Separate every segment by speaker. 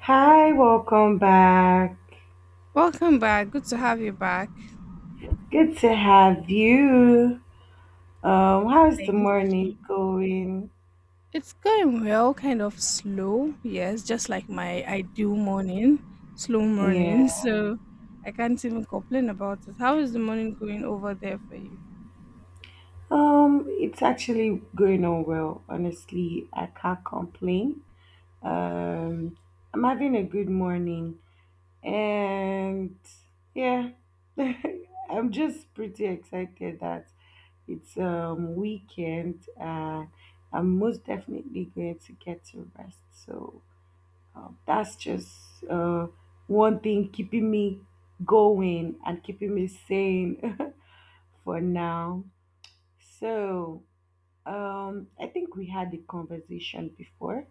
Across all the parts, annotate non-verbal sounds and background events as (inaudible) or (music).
Speaker 1: Hi, welcome back.
Speaker 2: Welcome back. Good to have you back.
Speaker 1: Good to have you. How's the
Speaker 2: Thank
Speaker 1: morning
Speaker 2: you.
Speaker 1: going?
Speaker 2: It's going well, kind of slow. Yes, just like my ideal morning, slow morning. (laughs)
Speaker 1: Yeah.
Speaker 2: So I can't even complain about it. How is the morning going over there for you?
Speaker 1: It's actually going on well. Honestly, I can't complain. Um, I'm having a good morning, and yeah, (laughs) I'm just pretty excited that it's weekend. I'm most definitely going to get to rest. So that's just one thing keeping me going and keeping me sane (laughs) for now. So, I think we had a conversation before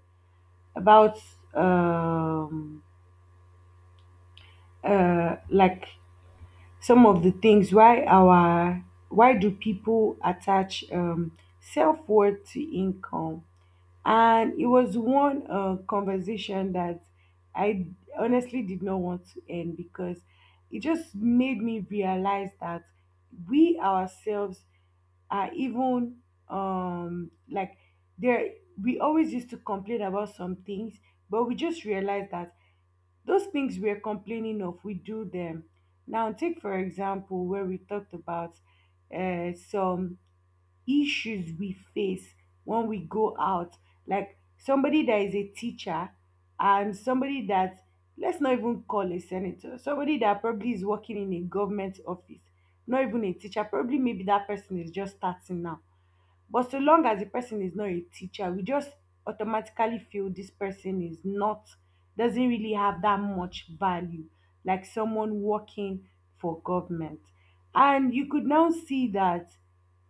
Speaker 1: about um, uh, like some of the things why our why do people attach self worth to income? And it was one conversation that I honestly did not want to end, because it just made me realize that we ourselves are even um, like there. We always used to complain about some things, but we just realized that those things we're complaining of, we do them. Now, take for example where we talked about some issues we face when we go out, like somebody that is a teacher and somebody that, let's not even call a senator, somebody that probably is working in a government office, not even a teacher, probably maybe that person is just starting now, but so long as the person is not a teacher, we just automatically feel this person is not doesn't really have that much value, like someone working for government. And you could now see that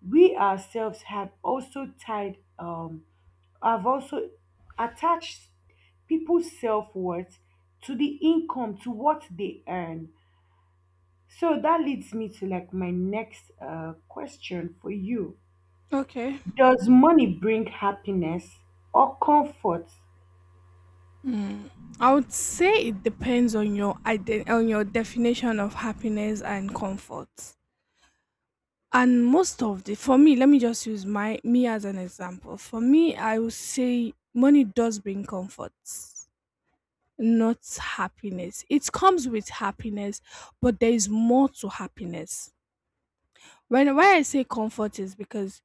Speaker 1: we ourselves have also tied have also attached people's self-worth to the income, to what they earn. So that leads me to like my next question for you:
Speaker 2: Okay.
Speaker 1: does money bring happiness or comfort?
Speaker 2: Mm. I would say it depends on your on your definition of happiness and comfort. And most of the for me, let me just use my me as an example. For me, I would say money does bring comfort. Not happiness. It comes with happiness, but there is more to happiness. When Why I say comfort is because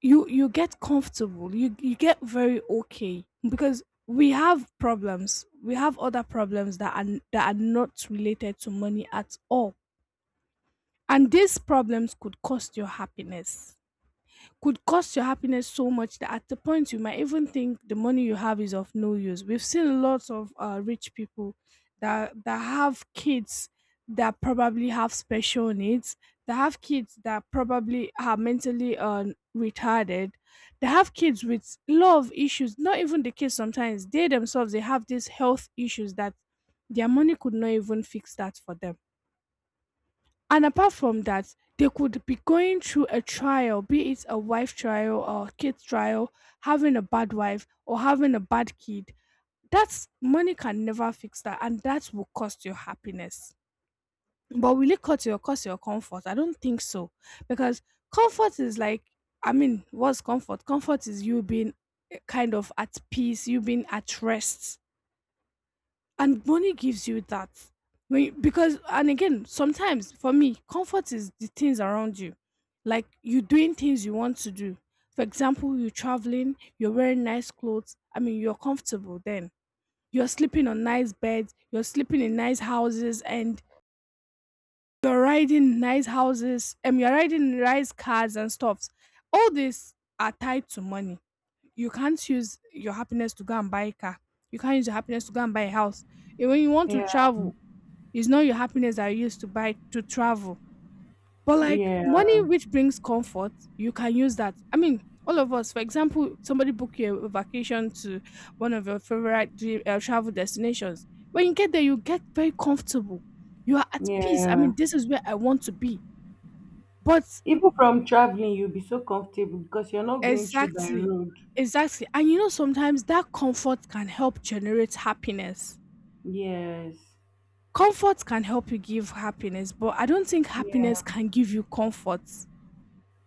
Speaker 2: you get comfortable, you get very okay, because we have problems. We have other problems that are not related to money at all. And these problems could cost your happiness could cost your happiness so much that at the point you might even think the money you have is of no use. We've seen lots of rich people that have kids that probably have special needs, that have kids that probably are mentally retarded, they have kids with love issues. Not even the kids, sometimes they themselves, they have these health issues that their money could not even fix that for them. And apart from that, they could be going through a trial, be it a wife trial or kid trial, having a bad wife or having a bad kid. That's, money can never fix that, and that will cost your happiness. But will it cut your cost your comfort? I don't think so, because comfort is like, I mean, what's comfort? Comfort is you being kind of at peace, you being at rest, and money gives you that when you, because, and again, sometimes for me, comfort is the things around you, like you doing things you want to do. For example, you're traveling, you're wearing nice clothes, I mean, you're comfortable then. You're sleeping on nice beds, you're sleeping in nice houses, and you're riding nice cars and stuffs. All these are tied to money. You can't use your happiness to go and buy a car, you can't use your happiness to go and buy a house. And when you want to
Speaker 1: Yeah,
Speaker 2: travel, it's not your happiness that you used to buy to travel. But like
Speaker 1: yeah,
Speaker 2: money, which brings comfort, you can use that. I mean, all of us, for example, somebody book you a vacation to one of your favorite dream, travel destinations. When you get there, you get very comfortable. You are at peace. I
Speaker 1: yeah.
Speaker 2: mean, this is where I want to be. But
Speaker 1: Even from traveling, you'll be so comfortable because you're not going through by
Speaker 2: exactly,
Speaker 1: road.
Speaker 2: exactly. And you know, sometimes that comfort can help generate happiness.
Speaker 1: Yes,
Speaker 2: Comfort can help you give happiness, but I don't think
Speaker 1: yeah.
Speaker 2: happiness can give you comfort.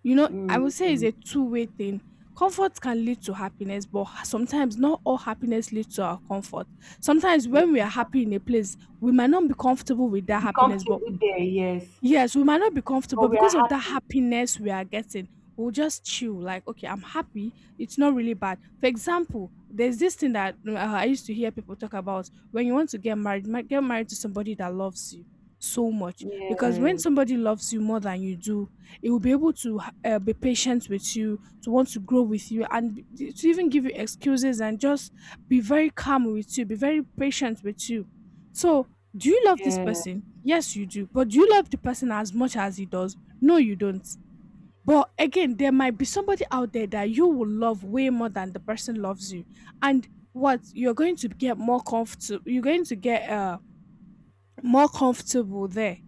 Speaker 2: You know, I would say it's
Speaker 1: Mm-hmm.
Speaker 2: a two-way thing. Comfort can lead to happiness, but sometimes not all happiness leads to our comfort. Sometimes when we are happy in a place, we might not be comfortable with that
Speaker 1: Be
Speaker 2: happiness. But
Speaker 1: comfortable there, yes.
Speaker 2: yes, we might not be
Speaker 1: But
Speaker 2: comfortable
Speaker 1: we are
Speaker 2: because of that
Speaker 1: happy.
Speaker 2: happiness we are getting. We'll just chill, like, okay, I'm happy. It's not really bad. For example, there's this thing that I used to hear people talk about. When you want to get married, get married to somebody that loves you so much. Because when
Speaker 1: Yes,
Speaker 2: somebody loves you more than you do, it will be able to be patient with you, to want to grow with you, and to even give you excuses and just be very calm with you, be very patient with you. So do you love this
Speaker 1: yeah,
Speaker 2: person? Yes, you do. But do you love the person as much as he does? No, you don't. But again, there might be somebody out there that you will love way more than the person loves you. And what, you're going to get more comfortable, you're going to get more comfortable there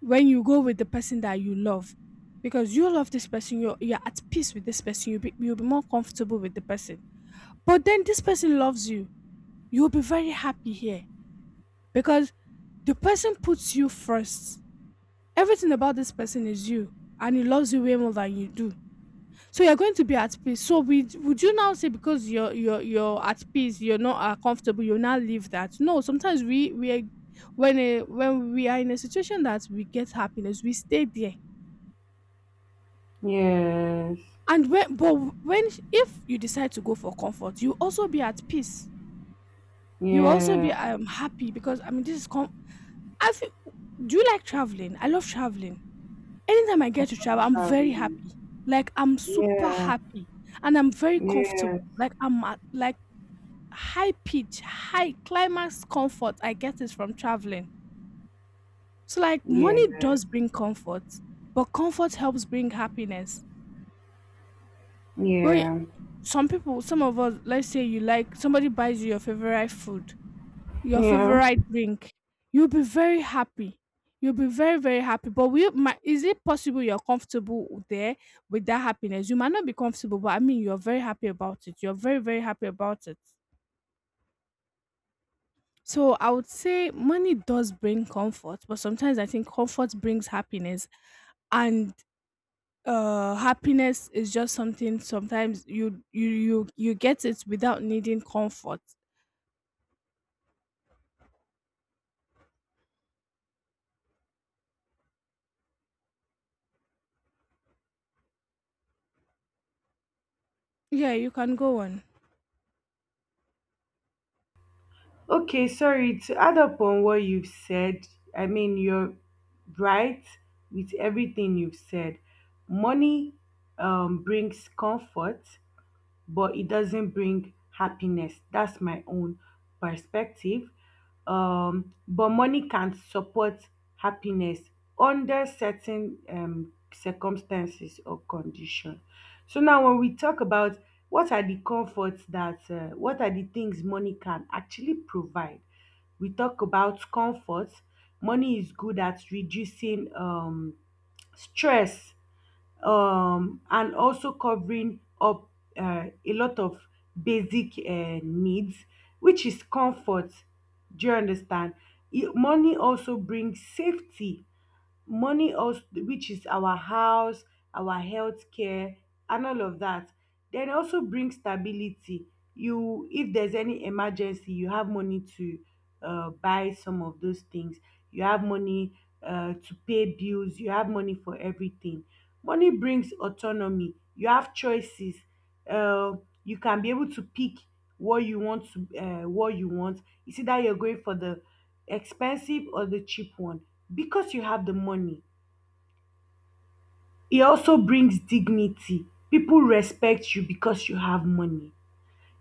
Speaker 2: when you go with the person that you love. Because you love this person, you're at peace with this person, you'll be more comfortable with the person. But then this person loves you, you'll be very happy here because the person puts you first, everything about this person is you, and he loves you way more than you do, so you're going to be at peace. So we would you now say because you're at peace, you're not comfortable, you now leave that? No, sometimes when when we are in a situation that we get happiness, we stay there.
Speaker 1: yes,
Speaker 2: And when but when if you decide to go for comfort, you also be at peace, you also be
Speaker 1: yeah.
Speaker 2: happy, because I mean, I feel, do you like traveling? I love traveling. Anytime I get to travel, I'm very happy.
Speaker 1: Traveling.
Speaker 2: Like I'm super
Speaker 1: Yeah,
Speaker 2: happy and I'm very
Speaker 1: yeah,
Speaker 2: comfortable. Like I'm at like high pitch, high climax comfort. I get it from traveling. So like money
Speaker 1: yeah,
Speaker 2: does bring comfort, but comfort helps bring happiness. When
Speaker 1: yeah,
Speaker 2: some people, some of us, let's say you, like somebody buys you your favorite food, your
Speaker 1: yeah.
Speaker 2: favorite drink, you'll be very happy. You'll be very, very happy. But will you, is it possible you're comfortable there with that happiness? You might not be comfortable, but I mean, you're very happy about it. You're very, very happy about it. So I would say money does bring comfort, but sometimes I think comfort brings happiness, and happiness is just something sometimes you get it without needing comfort. Yeah, you can go on.
Speaker 1: Okay, sorry to add up on what you've said. I mean, you're right with everything you've said. Money brings comfort, but it doesn't bring happiness. That's my own perspective. But money can support happiness under certain circumstances or condition. So now, when we talk about what are the comforts that what are the things money can actually provide, we talk about comfort. Money is good at reducing stress, and also covering up a lot of basic needs, which is comfort. Do you understand? Money also brings safety. Money also, which is our house, our healthcare and all of that, then also brings stability. You, if there's any emergency, you have money to buy some of those things. You have money to pay bills. You have money for everything. Money brings autonomy. You have choices. uh, you can be able to pick what you want to, what you want. It's either you're going for the expensive or the cheap one, because you have the money. It also brings dignity. People respect you because you have money.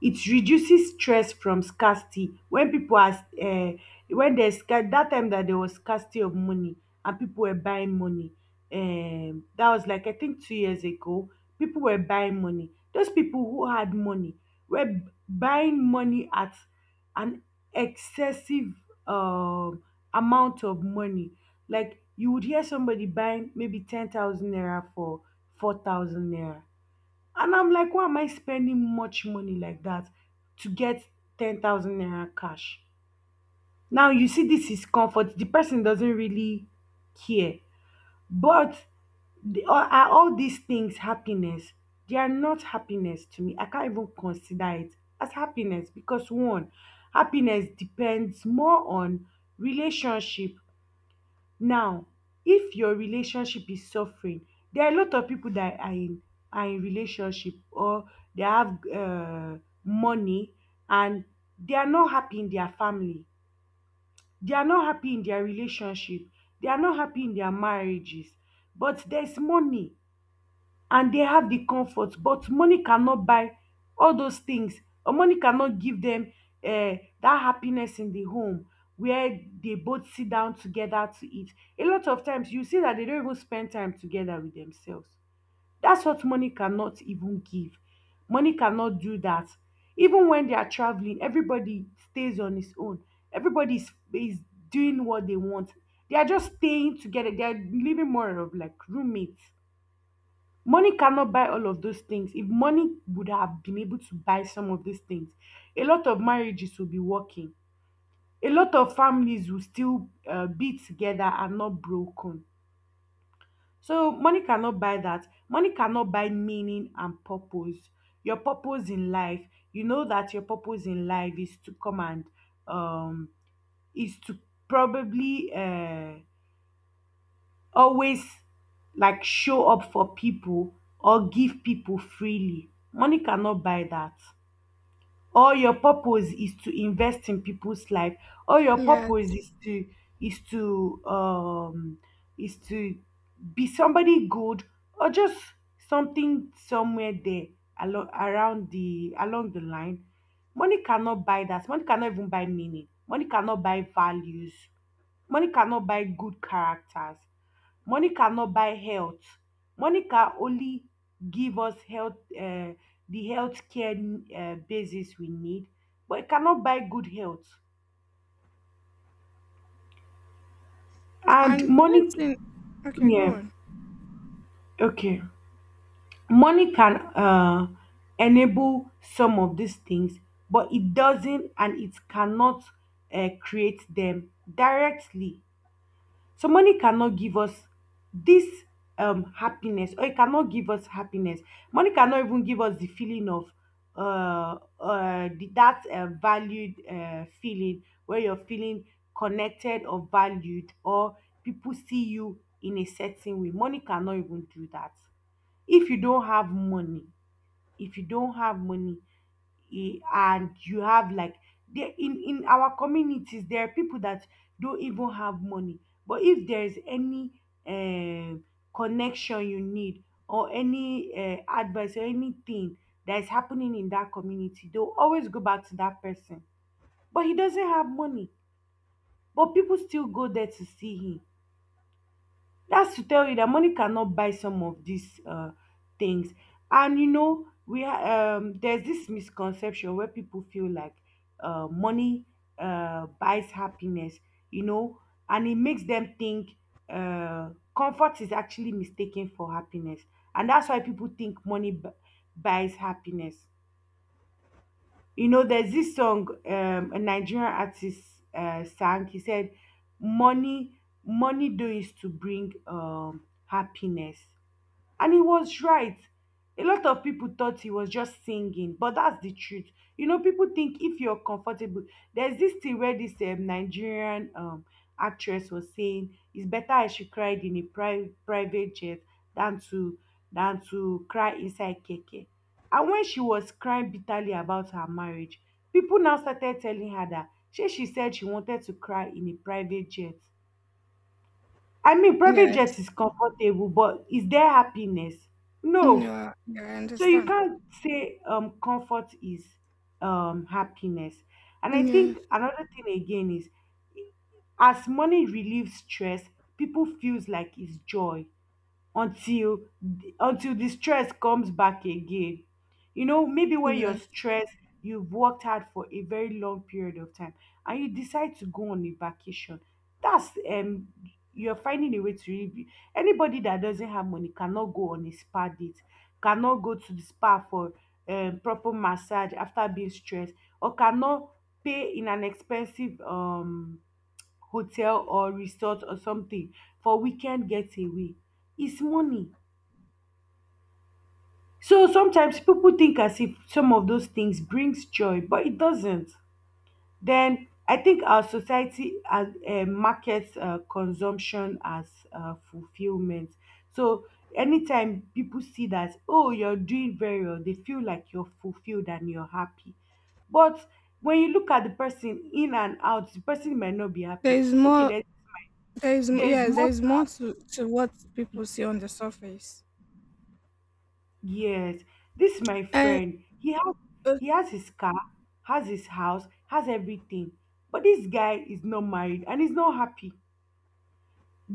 Speaker 1: It reduces stress from scarcity. When people are when there's scar that time that there was scarcity of money and people were buying money, that was like, I think, 2 years ago. People were buying money. Those people who had money were buying money at an excessive um amount of money. Like you would hear somebody buying maybe 10,000 naira for 4,000 naira, and I'm like, why am I spending much money like that to get 10,000 naira cash? Now, you see, this is comfort. The person doesn't really care. But are all these things happiness? They are not happiness to me. I can't even consider it as happiness because, one, happiness depends more on relationship. Now, if your relationship is suffering, there are a lot of people that are in relationship, or they have money, and they are not happy in their family, they are not happy in their relationship, they are not happy in their marriages. But there is money, and they have the comfort, but money cannot buy all those things. Or money cannot give them uh, that happiness in the home where they both sit down together to eat. A lot of times you see that they don't even spend time together with themselves. That's what money cannot even give. Money cannot do that. Even when they are traveling, everybody stays on his own. Everybody is doing what they want. They are just staying together. They are living more of like roommates. Money cannot buy all of those things. If money would have been able to buy some of these things, a lot of marriages will be working. A lot of families will still be together and not broken. So money cannot buy that. Money cannot buy meaning and purpose. Your purpose in life, you know that your purpose in life is to come and um, is to probably always like show up for people, or give people freely. Money cannot buy that. Or your purpose is to invest in people's life, or your purpose
Speaker 2: Yes.
Speaker 1: is to is to um is to be somebody good, or just something somewhere there along the line. Money cannot buy that. Money cannot even buy meaning. Money cannot buy values. Money cannot buy good characters. Money cannot buy health. Monica only give us health, the health care basis we need, but it cannot buy good health. And
Speaker 2: And one
Speaker 1: money,
Speaker 2: thing, okay, go
Speaker 1: yeah,
Speaker 2: on.
Speaker 1: okay. Money can enable some of these things, but it doesn't, and it cannot create them directly. So money cannot give us this happiness, or it cannot give us happiness. Money cannot even give us the feeling of that valued feeling, where you're feeling connected or valued, or people see you in a certain way. Money cannot even do that. If you don't have money, if you don't have money, E- and you have like, there, in our communities, there are people that don't even have money, but if there is any um connection you need, or any advice or anything that is happening in that community, they'll always go back to that person. But he doesn't have money, but people still go there to see him. That's to tell you that money cannot buy some of these things. And you know, we there's this misconception where people feel like money buys happiness, you know, and it makes them think, uh, comfort is actually mistaken for happiness. And that's why people think money buys happiness. You know, there's this song, a Nigerian artist sang. He said, "Money, money, though, is to bring happiness." And he was right. A lot of people thought he was just singing, but that's the truth. You know, people think if you're comfortable, there's this thing where this Nigerian actress was saying, "It's better I should cry in a private jet than to cry inside keke." And when she was crying bitterly about her marriage, people now started telling her that she said she wanted to cry in a private jet. I mean, private jet
Speaker 2: Yes.
Speaker 1: is comfortable, but is there happiness? No.
Speaker 2: Yeah, yeah, I
Speaker 1: So you
Speaker 2: understand.
Speaker 1: can't say comfort is happiness. And I think
Speaker 2: Yes,
Speaker 1: another thing again is, as money relieves stress, people feels like it's joy, until the stress comes back again. You know, maybe when you're
Speaker 2: yeah.
Speaker 1: stressed, you've worked hard for a very long period of time, and you decide to go on a vacation. That's you're finding a way to really be. Anybody that doesn't have money cannot go on a spa date, cannot go to the spa for proper massage after being stressed, or cannot pay in an expensive hotel or resort or something for weekend getaway. It's money. So sometimes people think as if some of those things brings joy, but it doesn't. Then I think our society, as, markets consumption as fulfillment. So anytime people see that, oh, you're doing very well, they feel like you're fulfilled and you're happy. But when you look at the person in and out, the person might not be
Speaker 2: There
Speaker 1: happy.
Speaker 2: is
Speaker 1: Okay,
Speaker 2: more,
Speaker 1: there,
Speaker 2: there is m
Speaker 1: there's
Speaker 2: yes, there
Speaker 1: more
Speaker 2: is more to what people see on the surface.
Speaker 1: Yes, this is my
Speaker 2: And
Speaker 1: friend. He has
Speaker 2: uh,
Speaker 1: his car, has his house, has everything. But this guy is not married, and he's not happy.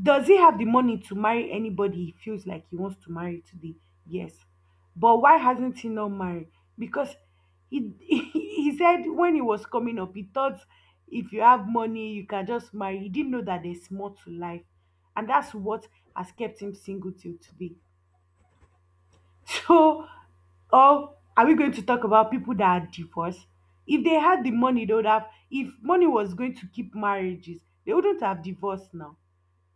Speaker 1: Does he have the money to marry anybody he feels like he wants to marry today? Yes. But why hasn't he not married? Because he (laughs) he said when he was coming up, he thought if you have money, you can just marry. He didn't know that there's more to life. And that's what has kept him single till today. (laughs) So, or are we going to talk about people that are divorced? If they had the money, they would have. If money was going to keep marriages, they wouldn't have divorced now.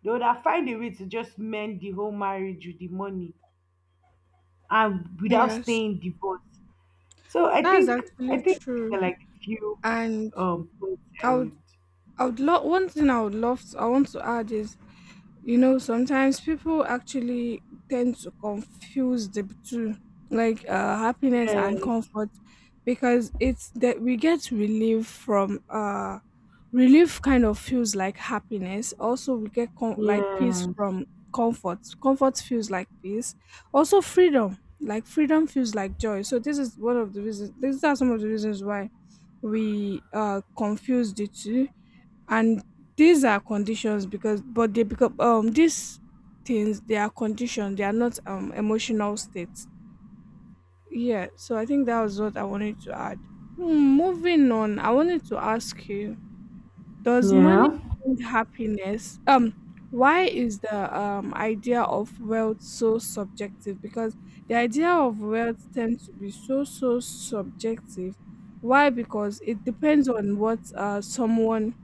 Speaker 1: They would have find a way to just mend the whole marriage with the money and without
Speaker 2: yes,
Speaker 1: staying divorced. So I
Speaker 2: that's
Speaker 1: think I
Speaker 2: actually
Speaker 1: think these
Speaker 2: true.
Speaker 1: are like a few
Speaker 2: And
Speaker 1: points I
Speaker 2: I would
Speaker 1: would.
Speaker 2: I would love, one thing I would love to, I want to add is, you know, sometimes people actually tend to confuse the two, like happiness and
Speaker 1: Yes.
Speaker 2: comfort, because it's that we get relief from relief, kind of feels like happiness. Also, we get like peace
Speaker 1: Yes.
Speaker 2: from comfort. Comfort feels like peace. Also, freedom, like freedom feels like joy. So this is one of the reasons. These are some of the reasons why we confuse the two. And these are conditions, because, but they become these things, they are conditions, they are not emotional states. Yeah, so I think that was what I wanted to add. Hmm, moving on, I wanted to ask you, does money
Speaker 1: Yeah.
Speaker 2: bring happiness? Why is the idea of wealth so subjective? Because the idea of wealth tends to be so, so subjective. Why? Because it depends on what someone,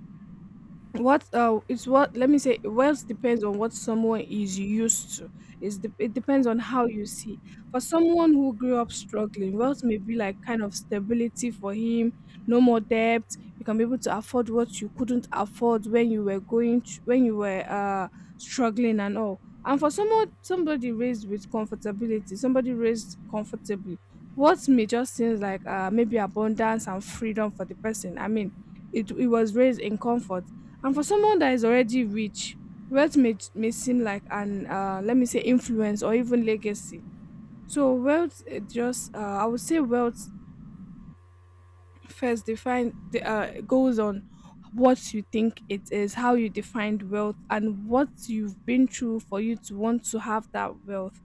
Speaker 2: what it's what let me say, wealth depends on what someone is used to. It depends on how you see. For someone who grew up struggling, wealth may be like kind of stability for him, no more debt, you can be able to afford what you couldn't afford when you were when you were struggling and all. And for someone, somebody raised with comfortability, somebody raised comfortably, what may just seem like maybe abundance and freedom for the person, I mean, it was raised in comfort. And for someone that is already rich, wealth may seem like an, let me say, influence or even legacy. So, wealth, I would say, wealth first define the goes on what you think it is, how you defined wealth and what you've been through for you to want to have that wealth.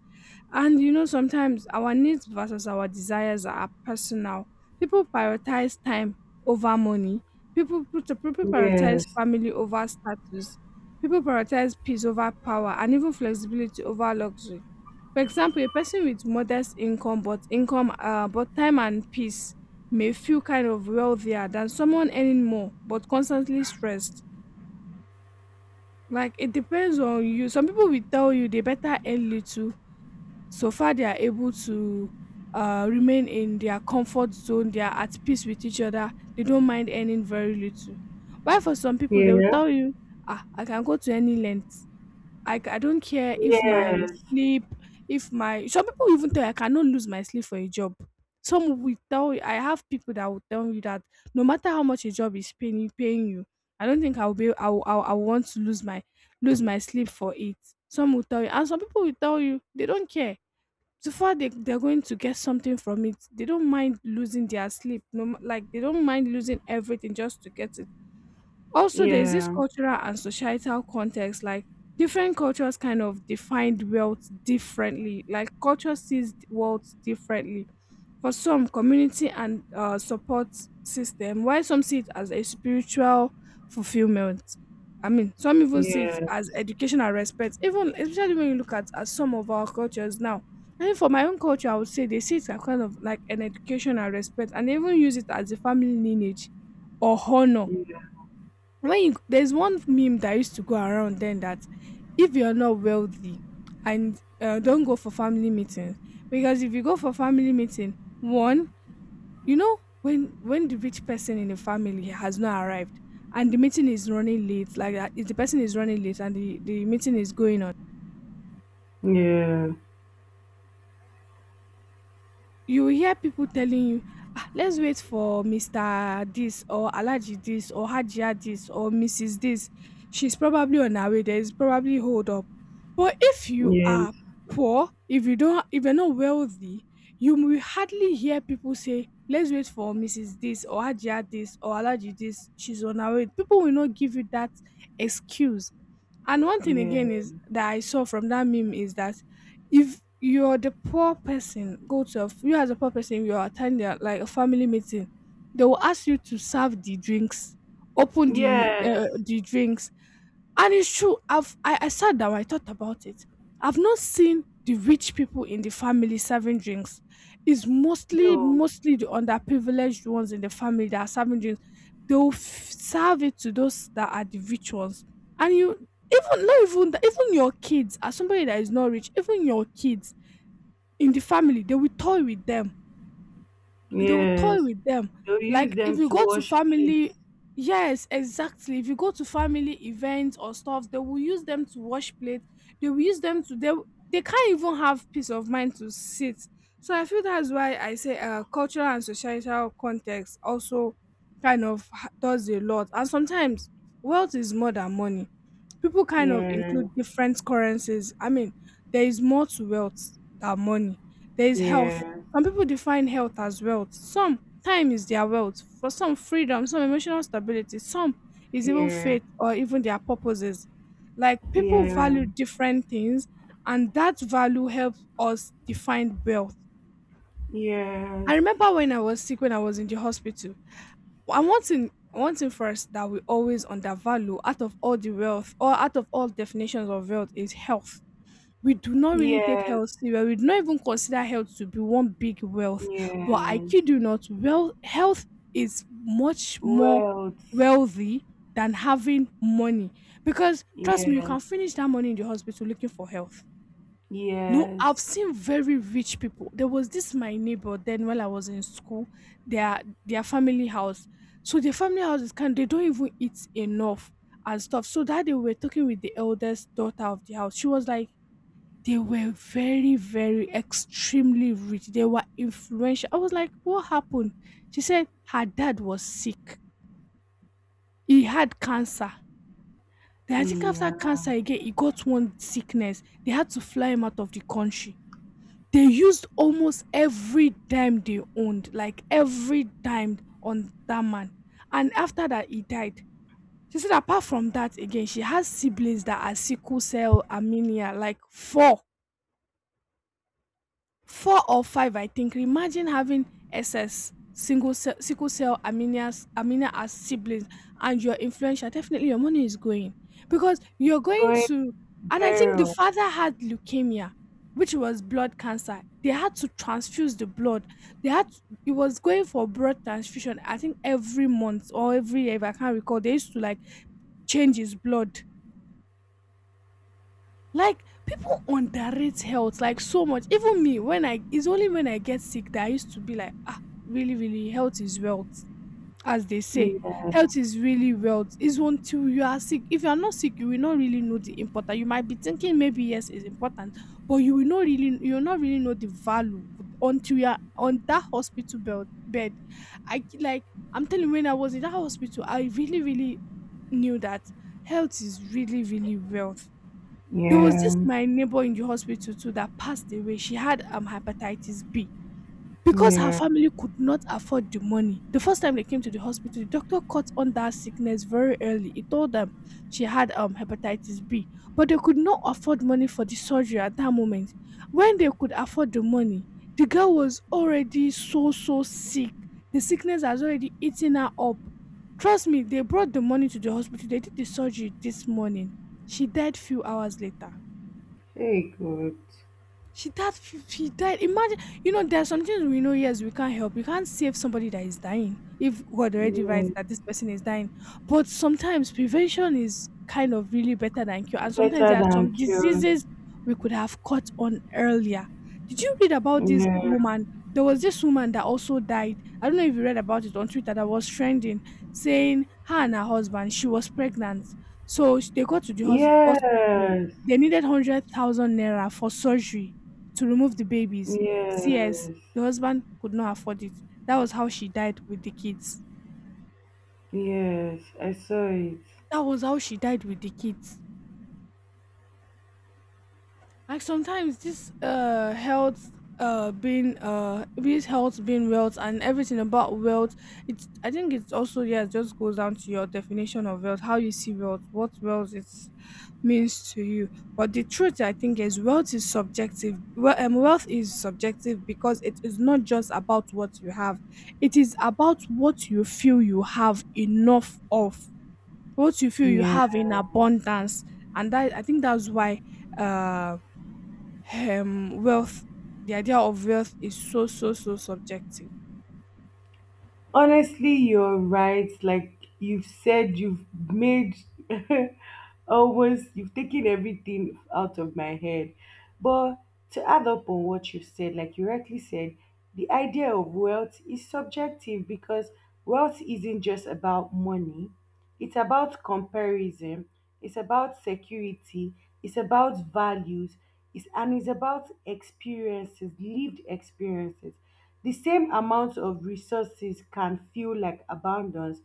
Speaker 2: And you know, sometimes our needs versus our desires are personal. People prioritize time over money. People
Speaker 1: Yes. Yeah.
Speaker 2: prioritize family over status. People prioritize peace over power, and even flexibility over luxury. For example, a person with modest income, but time and peace, may feel kind of wealthier than someone earning more but constantly stressed. Like it depends on you. Some people will tell you they better earn little, so far they are able to remain in their comfort zone. They are at peace with each other. They don't mind earning very little. While for some people, they will
Speaker 1: Yes.
Speaker 2: tell you, ah, I can go to any length, I don't care if my sleep, if my, some people even tell you, "I cannot lose my sleep for a job." Some will tell you, I have people that will tell you that, "No matter how much a job is paying you, I don't think I will be I will I will I will want to lose my sleep for it." Some will tell you, and some people will tell you they don't care. So far they, they're going to get something from it. They don't mind losing their sleep, no ma, like, they don't mind losing everything just to get it. Also, there's this
Speaker 1: Yeah.
Speaker 2: cultural and societal context, like different cultures kind of defined wealth differently. Like culture sees wealth differently. For some, community and support system, while some see it as a spiritual fulfillment. I mean, some even see it
Speaker 1: Yeah.
Speaker 2: as educational respect, even especially when you look at some of our cultures now. And for my own culture, I would say they see it as kind of like an educational respect, and they even use it as a family lineage or honor
Speaker 1: Yeah.
Speaker 2: when you there's one meme that used to go around then that if you're not wealthy and don't go for family meetings, because if you go for family meeting one, you know, when the rich person in the family has not arrived and the meeting is running late, like, if the person is running late and the meeting is going on,
Speaker 1: Yeah.
Speaker 2: you will hear people telling you, ah, let's wait for Mr. This or Alaji this or Hajia this or Mrs. This. She's probably on her way. There is probably hold up. But if you
Speaker 1: Yes,
Speaker 2: are poor, if you don't, if you're not wealthy, you will hardly hear people say, let's wait for Mrs. This or Hajia this or Alaji this, she's on her way. People will not give you that excuse. And one thing again is
Speaker 1: yes,
Speaker 2: that I saw from that meme is that if you're the poor person, go to a, f- you as a poor person, you're attending like a family meeting, they will ask you to serve the drinks, open the
Speaker 1: yes,
Speaker 2: uh, the drinks, and it's true. I sat down, I thought about it. I've not seen the rich people in the family serving drinks. It's mostly
Speaker 1: no,
Speaker 2: mostly the underprivileged ones in the family that are serving drinks. They will serve it to those that are the rich ones. And you, even not even that, even your kids, as somebody that is not rich, even your kids in the family they will toy with them, they will
Speaker 1: yes.
Speaker 2: toy with them,
Speaker 1: They'll use
Speaker 2: like if
Speaker 1: them
Speaker 2: you
Speaker 1: to
Speaker 2: go to
Speaker 1: wash plates.
Speaker 2: family, yes, exactly, if you go to family events or stuff they will use them to wash plates, they will use them to they can't even have peace of mind to sit. So I feel that's why I say, cultural and societal context also kind of does a lot. And sometimes wealth is more than money. People kind of
Speaker 1: Yeah,
Speaker 2: include different currencies. I mean, there is more to wealth than money. There is
Speaker 1: yeah,
Speaker 2: health. Some people define health as wealth. Some time is their wealth. For some, freedom, some emotional stability, some is even
Speaker 1: yeah,
Speaker 2: faith or even their purposes. Like people
Speaker 1: yeah,
Speaker 2: value different things, and that value helps us define wealth.
Speaker 1: yes,
Speaker 2: I remember when I was sick, when I was in the hospital, and one thing first that we always undervalue out of all the wealth or out of all definitions of wealth is health. We do not really take
Speaker 1: yes,
Speaker 2: health serious. We do not even consider health to be one big wealth. But I
Speaker 1: yes.
Speaker 2: kid you not, well, health is much more
Speaker 1: Wealth,
Speaker 2: wealthy than having money. Because trust me, you
Speaker 1: yes,
Speaker 2: can finish that money in the hospital looking for health. No,
Speaker 1: yes,
Speaker 2: I've seen very rich people. There was this my neighbor then while I was in school, their family house. So their family house is kind they don't even eat enough and stuff. So that day we were talking with the eldest daughter of the house. She was like, they were very, very extremely rich. They were influential. I was like, what happened? She said her dad was sick. He had cancer. Then I think after
Speaker 1: yeah.
Speaker 2: cancer again, he got one sickness. They had to fly him out of the country. They used almost every dime they owned, like every dime on that man. And after that, he died. She said, apart from that, again, she has siblings that are sickle cell anemia, like four or five, I think. Imagine having SS sickle cell anemia as siblings, and you're influential. Definitely, your money is going because you're going
Speaker 1: Going
Speaker 2: to. And I think the
Speaker 1: barrel,
Speaker 2: father had leukemia, which was blood cancer. They had to transfuse the blood. They had to, it was going for blood transfusion. I think every month or every year, if I can't recall, they used to like change his blood. Like people underrate health like so much. Even me, when I it's only when I get sick that I used to be like, ah, really, really, health is wealth, as they say.
Speaker 1: yeah,
Speaker 2: Health is really wealth. It's until you are sick. If you are not sick, you will not really know the importance. You might be thinking maybe yes, it's important, but you will not really know the value until you are on that hospital bed. I, like, I'm telling you, when I was in that hospital, I really, really knew that health is really, really wealth. There was
Speaker 1: yeah,
Speaker 2: this my neighbor in the hospital too that passed away. She had hepatitis B because her
Speaker 1: yeah.
Speaker 2: family could not afford the money. The first time they came to the hospital, the doctor caught on that sickness very early. He told them she had hepatitis B, but they could not afford money for the surgery at that moment. When they could afford the money, the girl was already so sick. The sickness has already eaten her up. Trust me, they brought the money to the hospital. They did the surgery this morning. She died few hours later.
Speaker 1: Very good.
Speaker 2: She died. She died. Imagine, there are some things we know. Yes, we can't help. We can't save somebody that is dying if God already
Speaker 1: Yeah,
Speaker 2: writes that this person is dying. But sometimes prevention is kind of really better than cure. And sometimes
Speaker 1: better
Speaker 2: there are
Speaker 1: than
Speaker 2: some
Speaker 1: cure.
Speaker 2: diseases we could have caught on earlier. Did you read about this
Speaker 1: Yeah,
Speaker 2: woman? There was this woman that also died. I don't know if you read about it on Twitter that was trending, saying her and her husband, she was pregnant, so they got to the hospital.
Speaker 1: yes.
Speaker 2: They needed 100,000 naira for surgery to remove the babies. CS,
Speaker 1: Yes,
Speaker 2: the husband could not afford it. That was how she died with the kids.
Speaker 1: yes, I saw it.
Speaker 2: That was how she died with the kids. Like sometimes this health being wealth and everything about wealth, it's, I think it's also, yeah, it just goes down to your definition of wealth, how you see wealth, what wealth is means to you. But the truth I think is wealth is subjective. Well, wealth is subjective because it is not just about what you have. It is about what you feel you have enough of, what you feel you
Speaker 1: Yeah.
Speaker 2: have in abundance. And that, I think, that's why um wealth the idea of wealth is so so so subjective.
Speaker 1: Honestly, you're right. Like you've said, you've made (laughs) almost, you've taken everything out of my head. But to add up on what you said, like you rightly said, the idea of wealth is subjective because wealth isn't just about money, it's about comparison, it's about security, it's about values, and it's about experiences, lived experiences. The same amount of resources can feel like abundance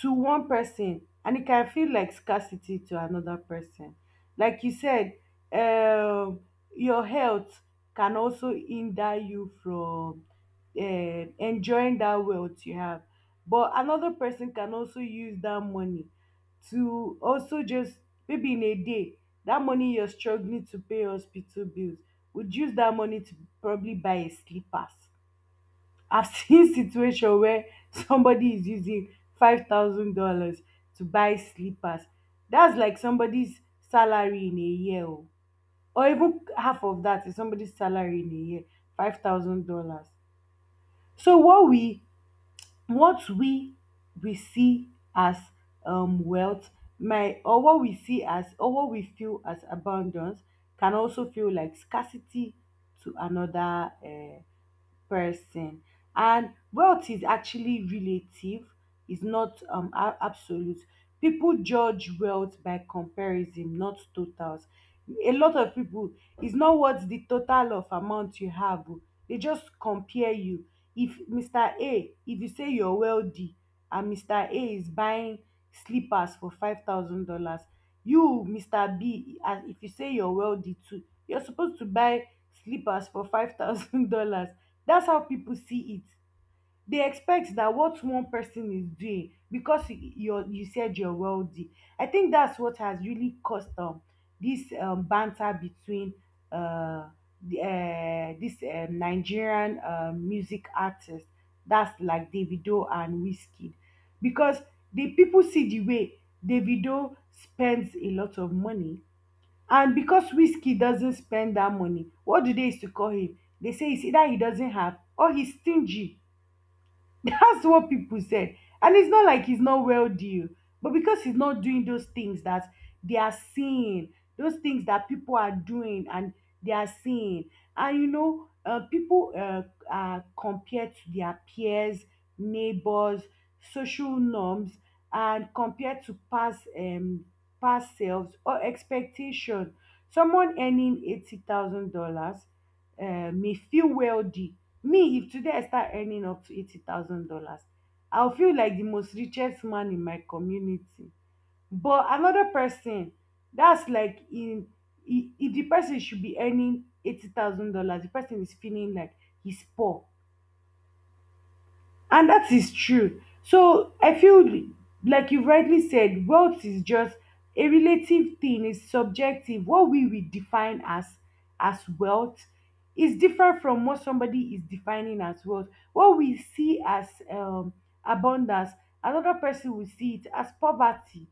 Speaker 1: to one person and it can feel like scarcity to another person. Like you said, um, your health can also hinder you from enjoying that wealth you have. But another person can also use that money to also just maybe in a day that money you're struggling to pay hospital bills would use that money to probably buy a slippers. I've (laughs) seen situation where somebody is using $5,000 to buy slippers. That's like somebody's salary in a year, oh. Or even half of that is somebody's salary in a year, $5,000. So what we see as wealth my or what we see as or what we feel as abundance can also feel like scarcity to another person. And wealth is actually relative, is not absolute. People judge wealth by comparison, not totals. A lot of people, is not what the total of amount you have, o, they just compare you. If Mr. A, if you say you're wealthy and Mr. A is buying slippers for $5,000, you Mr. B, as if you say you're wealthy too, you're supposed to buy slippers for 5,000 (laughs) dollars. That's how people see it. They expect that what one person is doing, because you said you're wealthy. I think that's what has really caused this banter between uh, this Nigerian music artist, that's like Davido and Whiskey. Because the people see the way Davido spends a lot of money. And because Wizkid doesn't spend that money, what do they use to call him? They say it's either he doesn't have or he's stingy. That's what people said. And it's not like he's not wealthy, o, but because he's not doing those things that they are seeing, those things that people are doing and they are seeing. And you know, people are compared to their peers, neighbors, social norms, and compared to past past selves or expectation. Someone earning $80,000 may feel wealthy. Me, if today I start earning up to $80,000, I'll feel like the most richest man in my community. But another person that's like if the person should be earning $80,000, the person is feeling like he's poor. And that is true. So I feel like you rightly said, wealth is just a relative thing, it's subjective. What we will define as wealth is different from what somebody is defining as wealth. What we see as abundance, another person will see it as poverty.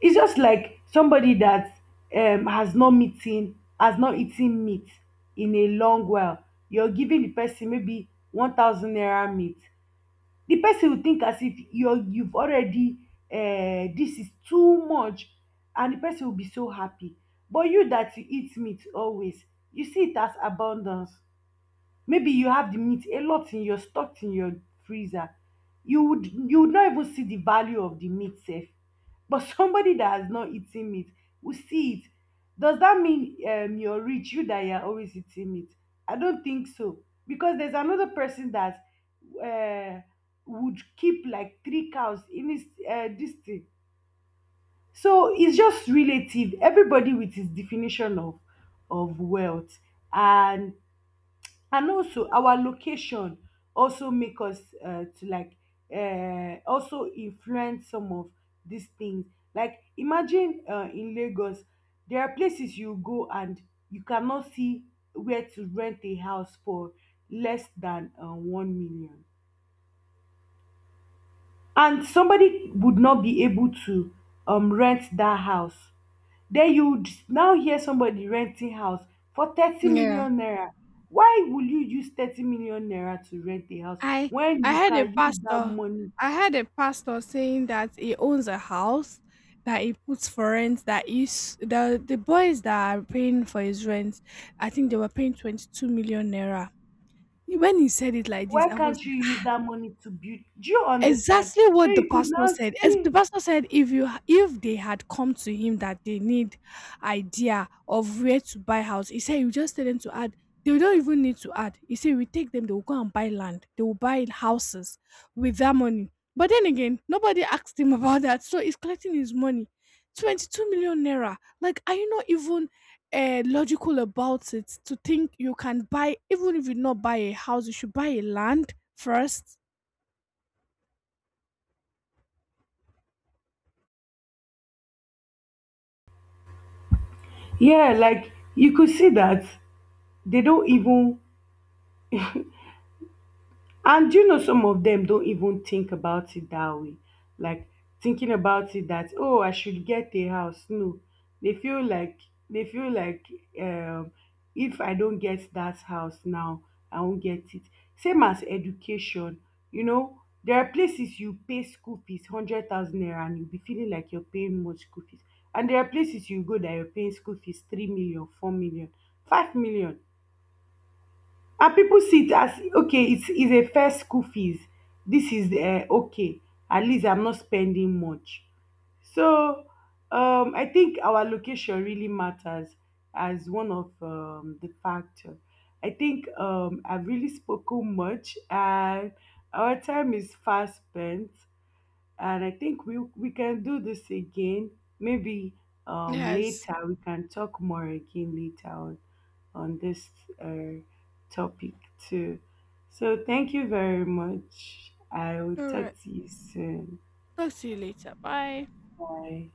Speaker 1: It's just like somebody that has not eaten meat in a long while. You're giving the person maybe 1,000 naira meat. The person will think as if you've already. This is too much. And the person will be so happy. But you that you eat meat always, you see it as abundance. Maybe you have the meat a lot in your, stocked in your freezer. You would, not even see the value of the meat, sef. But (laughs) somebody that has not eaten meat will see it. Does that mean you're rich, you that you're always eating meat? I don't think so. Because there's another person that uh, would keep like three cows in his this thing. So it's just relative, everybody with his definition of wealth. And also our location also make us to like also influence some of these things. Like imagine in Lagos, there are places you go and you cannot see where to rent a house for less than 1 million, and somebody would not be able to rent that house. Then now hear somebody renting house for thirty
Speaker 2: Yeah.
Speaker 1: million naira. Why will you use 30 million naira to rent a house
Speaker 2: i
Speaker 1: when
Speaker 2: i
Speaker 1: you
Speaker 2: had a
Speaker 1: can use that
Speaker 2: pastor
Speaker 1: money?
Speaker 2: I had a pastor saying that he owns a house that he puts for rent, that is the boys that are paying for his rent. I think they were paying 22 million naira when he said it like this
Speaker 1: Why
Speaker 2: I was.
Speaker 1: can't you use that money to build? Do you understand?
Speaker 2: Exactly
Speaker 1: So
Speaker 2: what the
Speaker 1: you could
Speaker 2: pastor
Speaker 1: now
Speaker 2: said.
Speaker 1: (laughs)
Speaker 2: As the
Speaker 1: see.
Speaker 2: pastor said, if you if they had come to him that they need idea of where to buy house, he said you just tell them to add. They don't even need to add. He said we take them, they will go and buy land, they will buy houses with that money. But then again, nobody asked him (laughs) about that, so he's collecting his money, 22 million naira. Like, are you not even logical about it to think you can buy, even if you not buy a house, you should buy a land first?
Speaker 1: Yeah, like you could see that they don't even. And you know some of them don't even think about it that way? Like thinking about it that oh, I should get a house. No. They feel like they feel like um if I don't get that house now, I won't get it. Same as education, you know, there are places you pay school fees 100,000 naira and you'll be feeling like you're paying much school fees. And there are places you go that you're paying school fees 3 million, 4 million, 5 million and people see it as okay it's a fair school fees. This is okay, at least I'm not spending much. So I think our location really matters as one of the factor. I think I've really spoken much and our time is fast spent. And I think we can do this again. Maybe
Speaker 2: Yes.
Speaker 1: later we can talk more again later on this uh, topic too. So thank you very much. I will
Speaker 2: All
Speaker 1: talk
Speaker 2: right.
Speaker 1: to you soon.
Speaker 2: Talk to you later. Bye.
Speaker 1: Bye.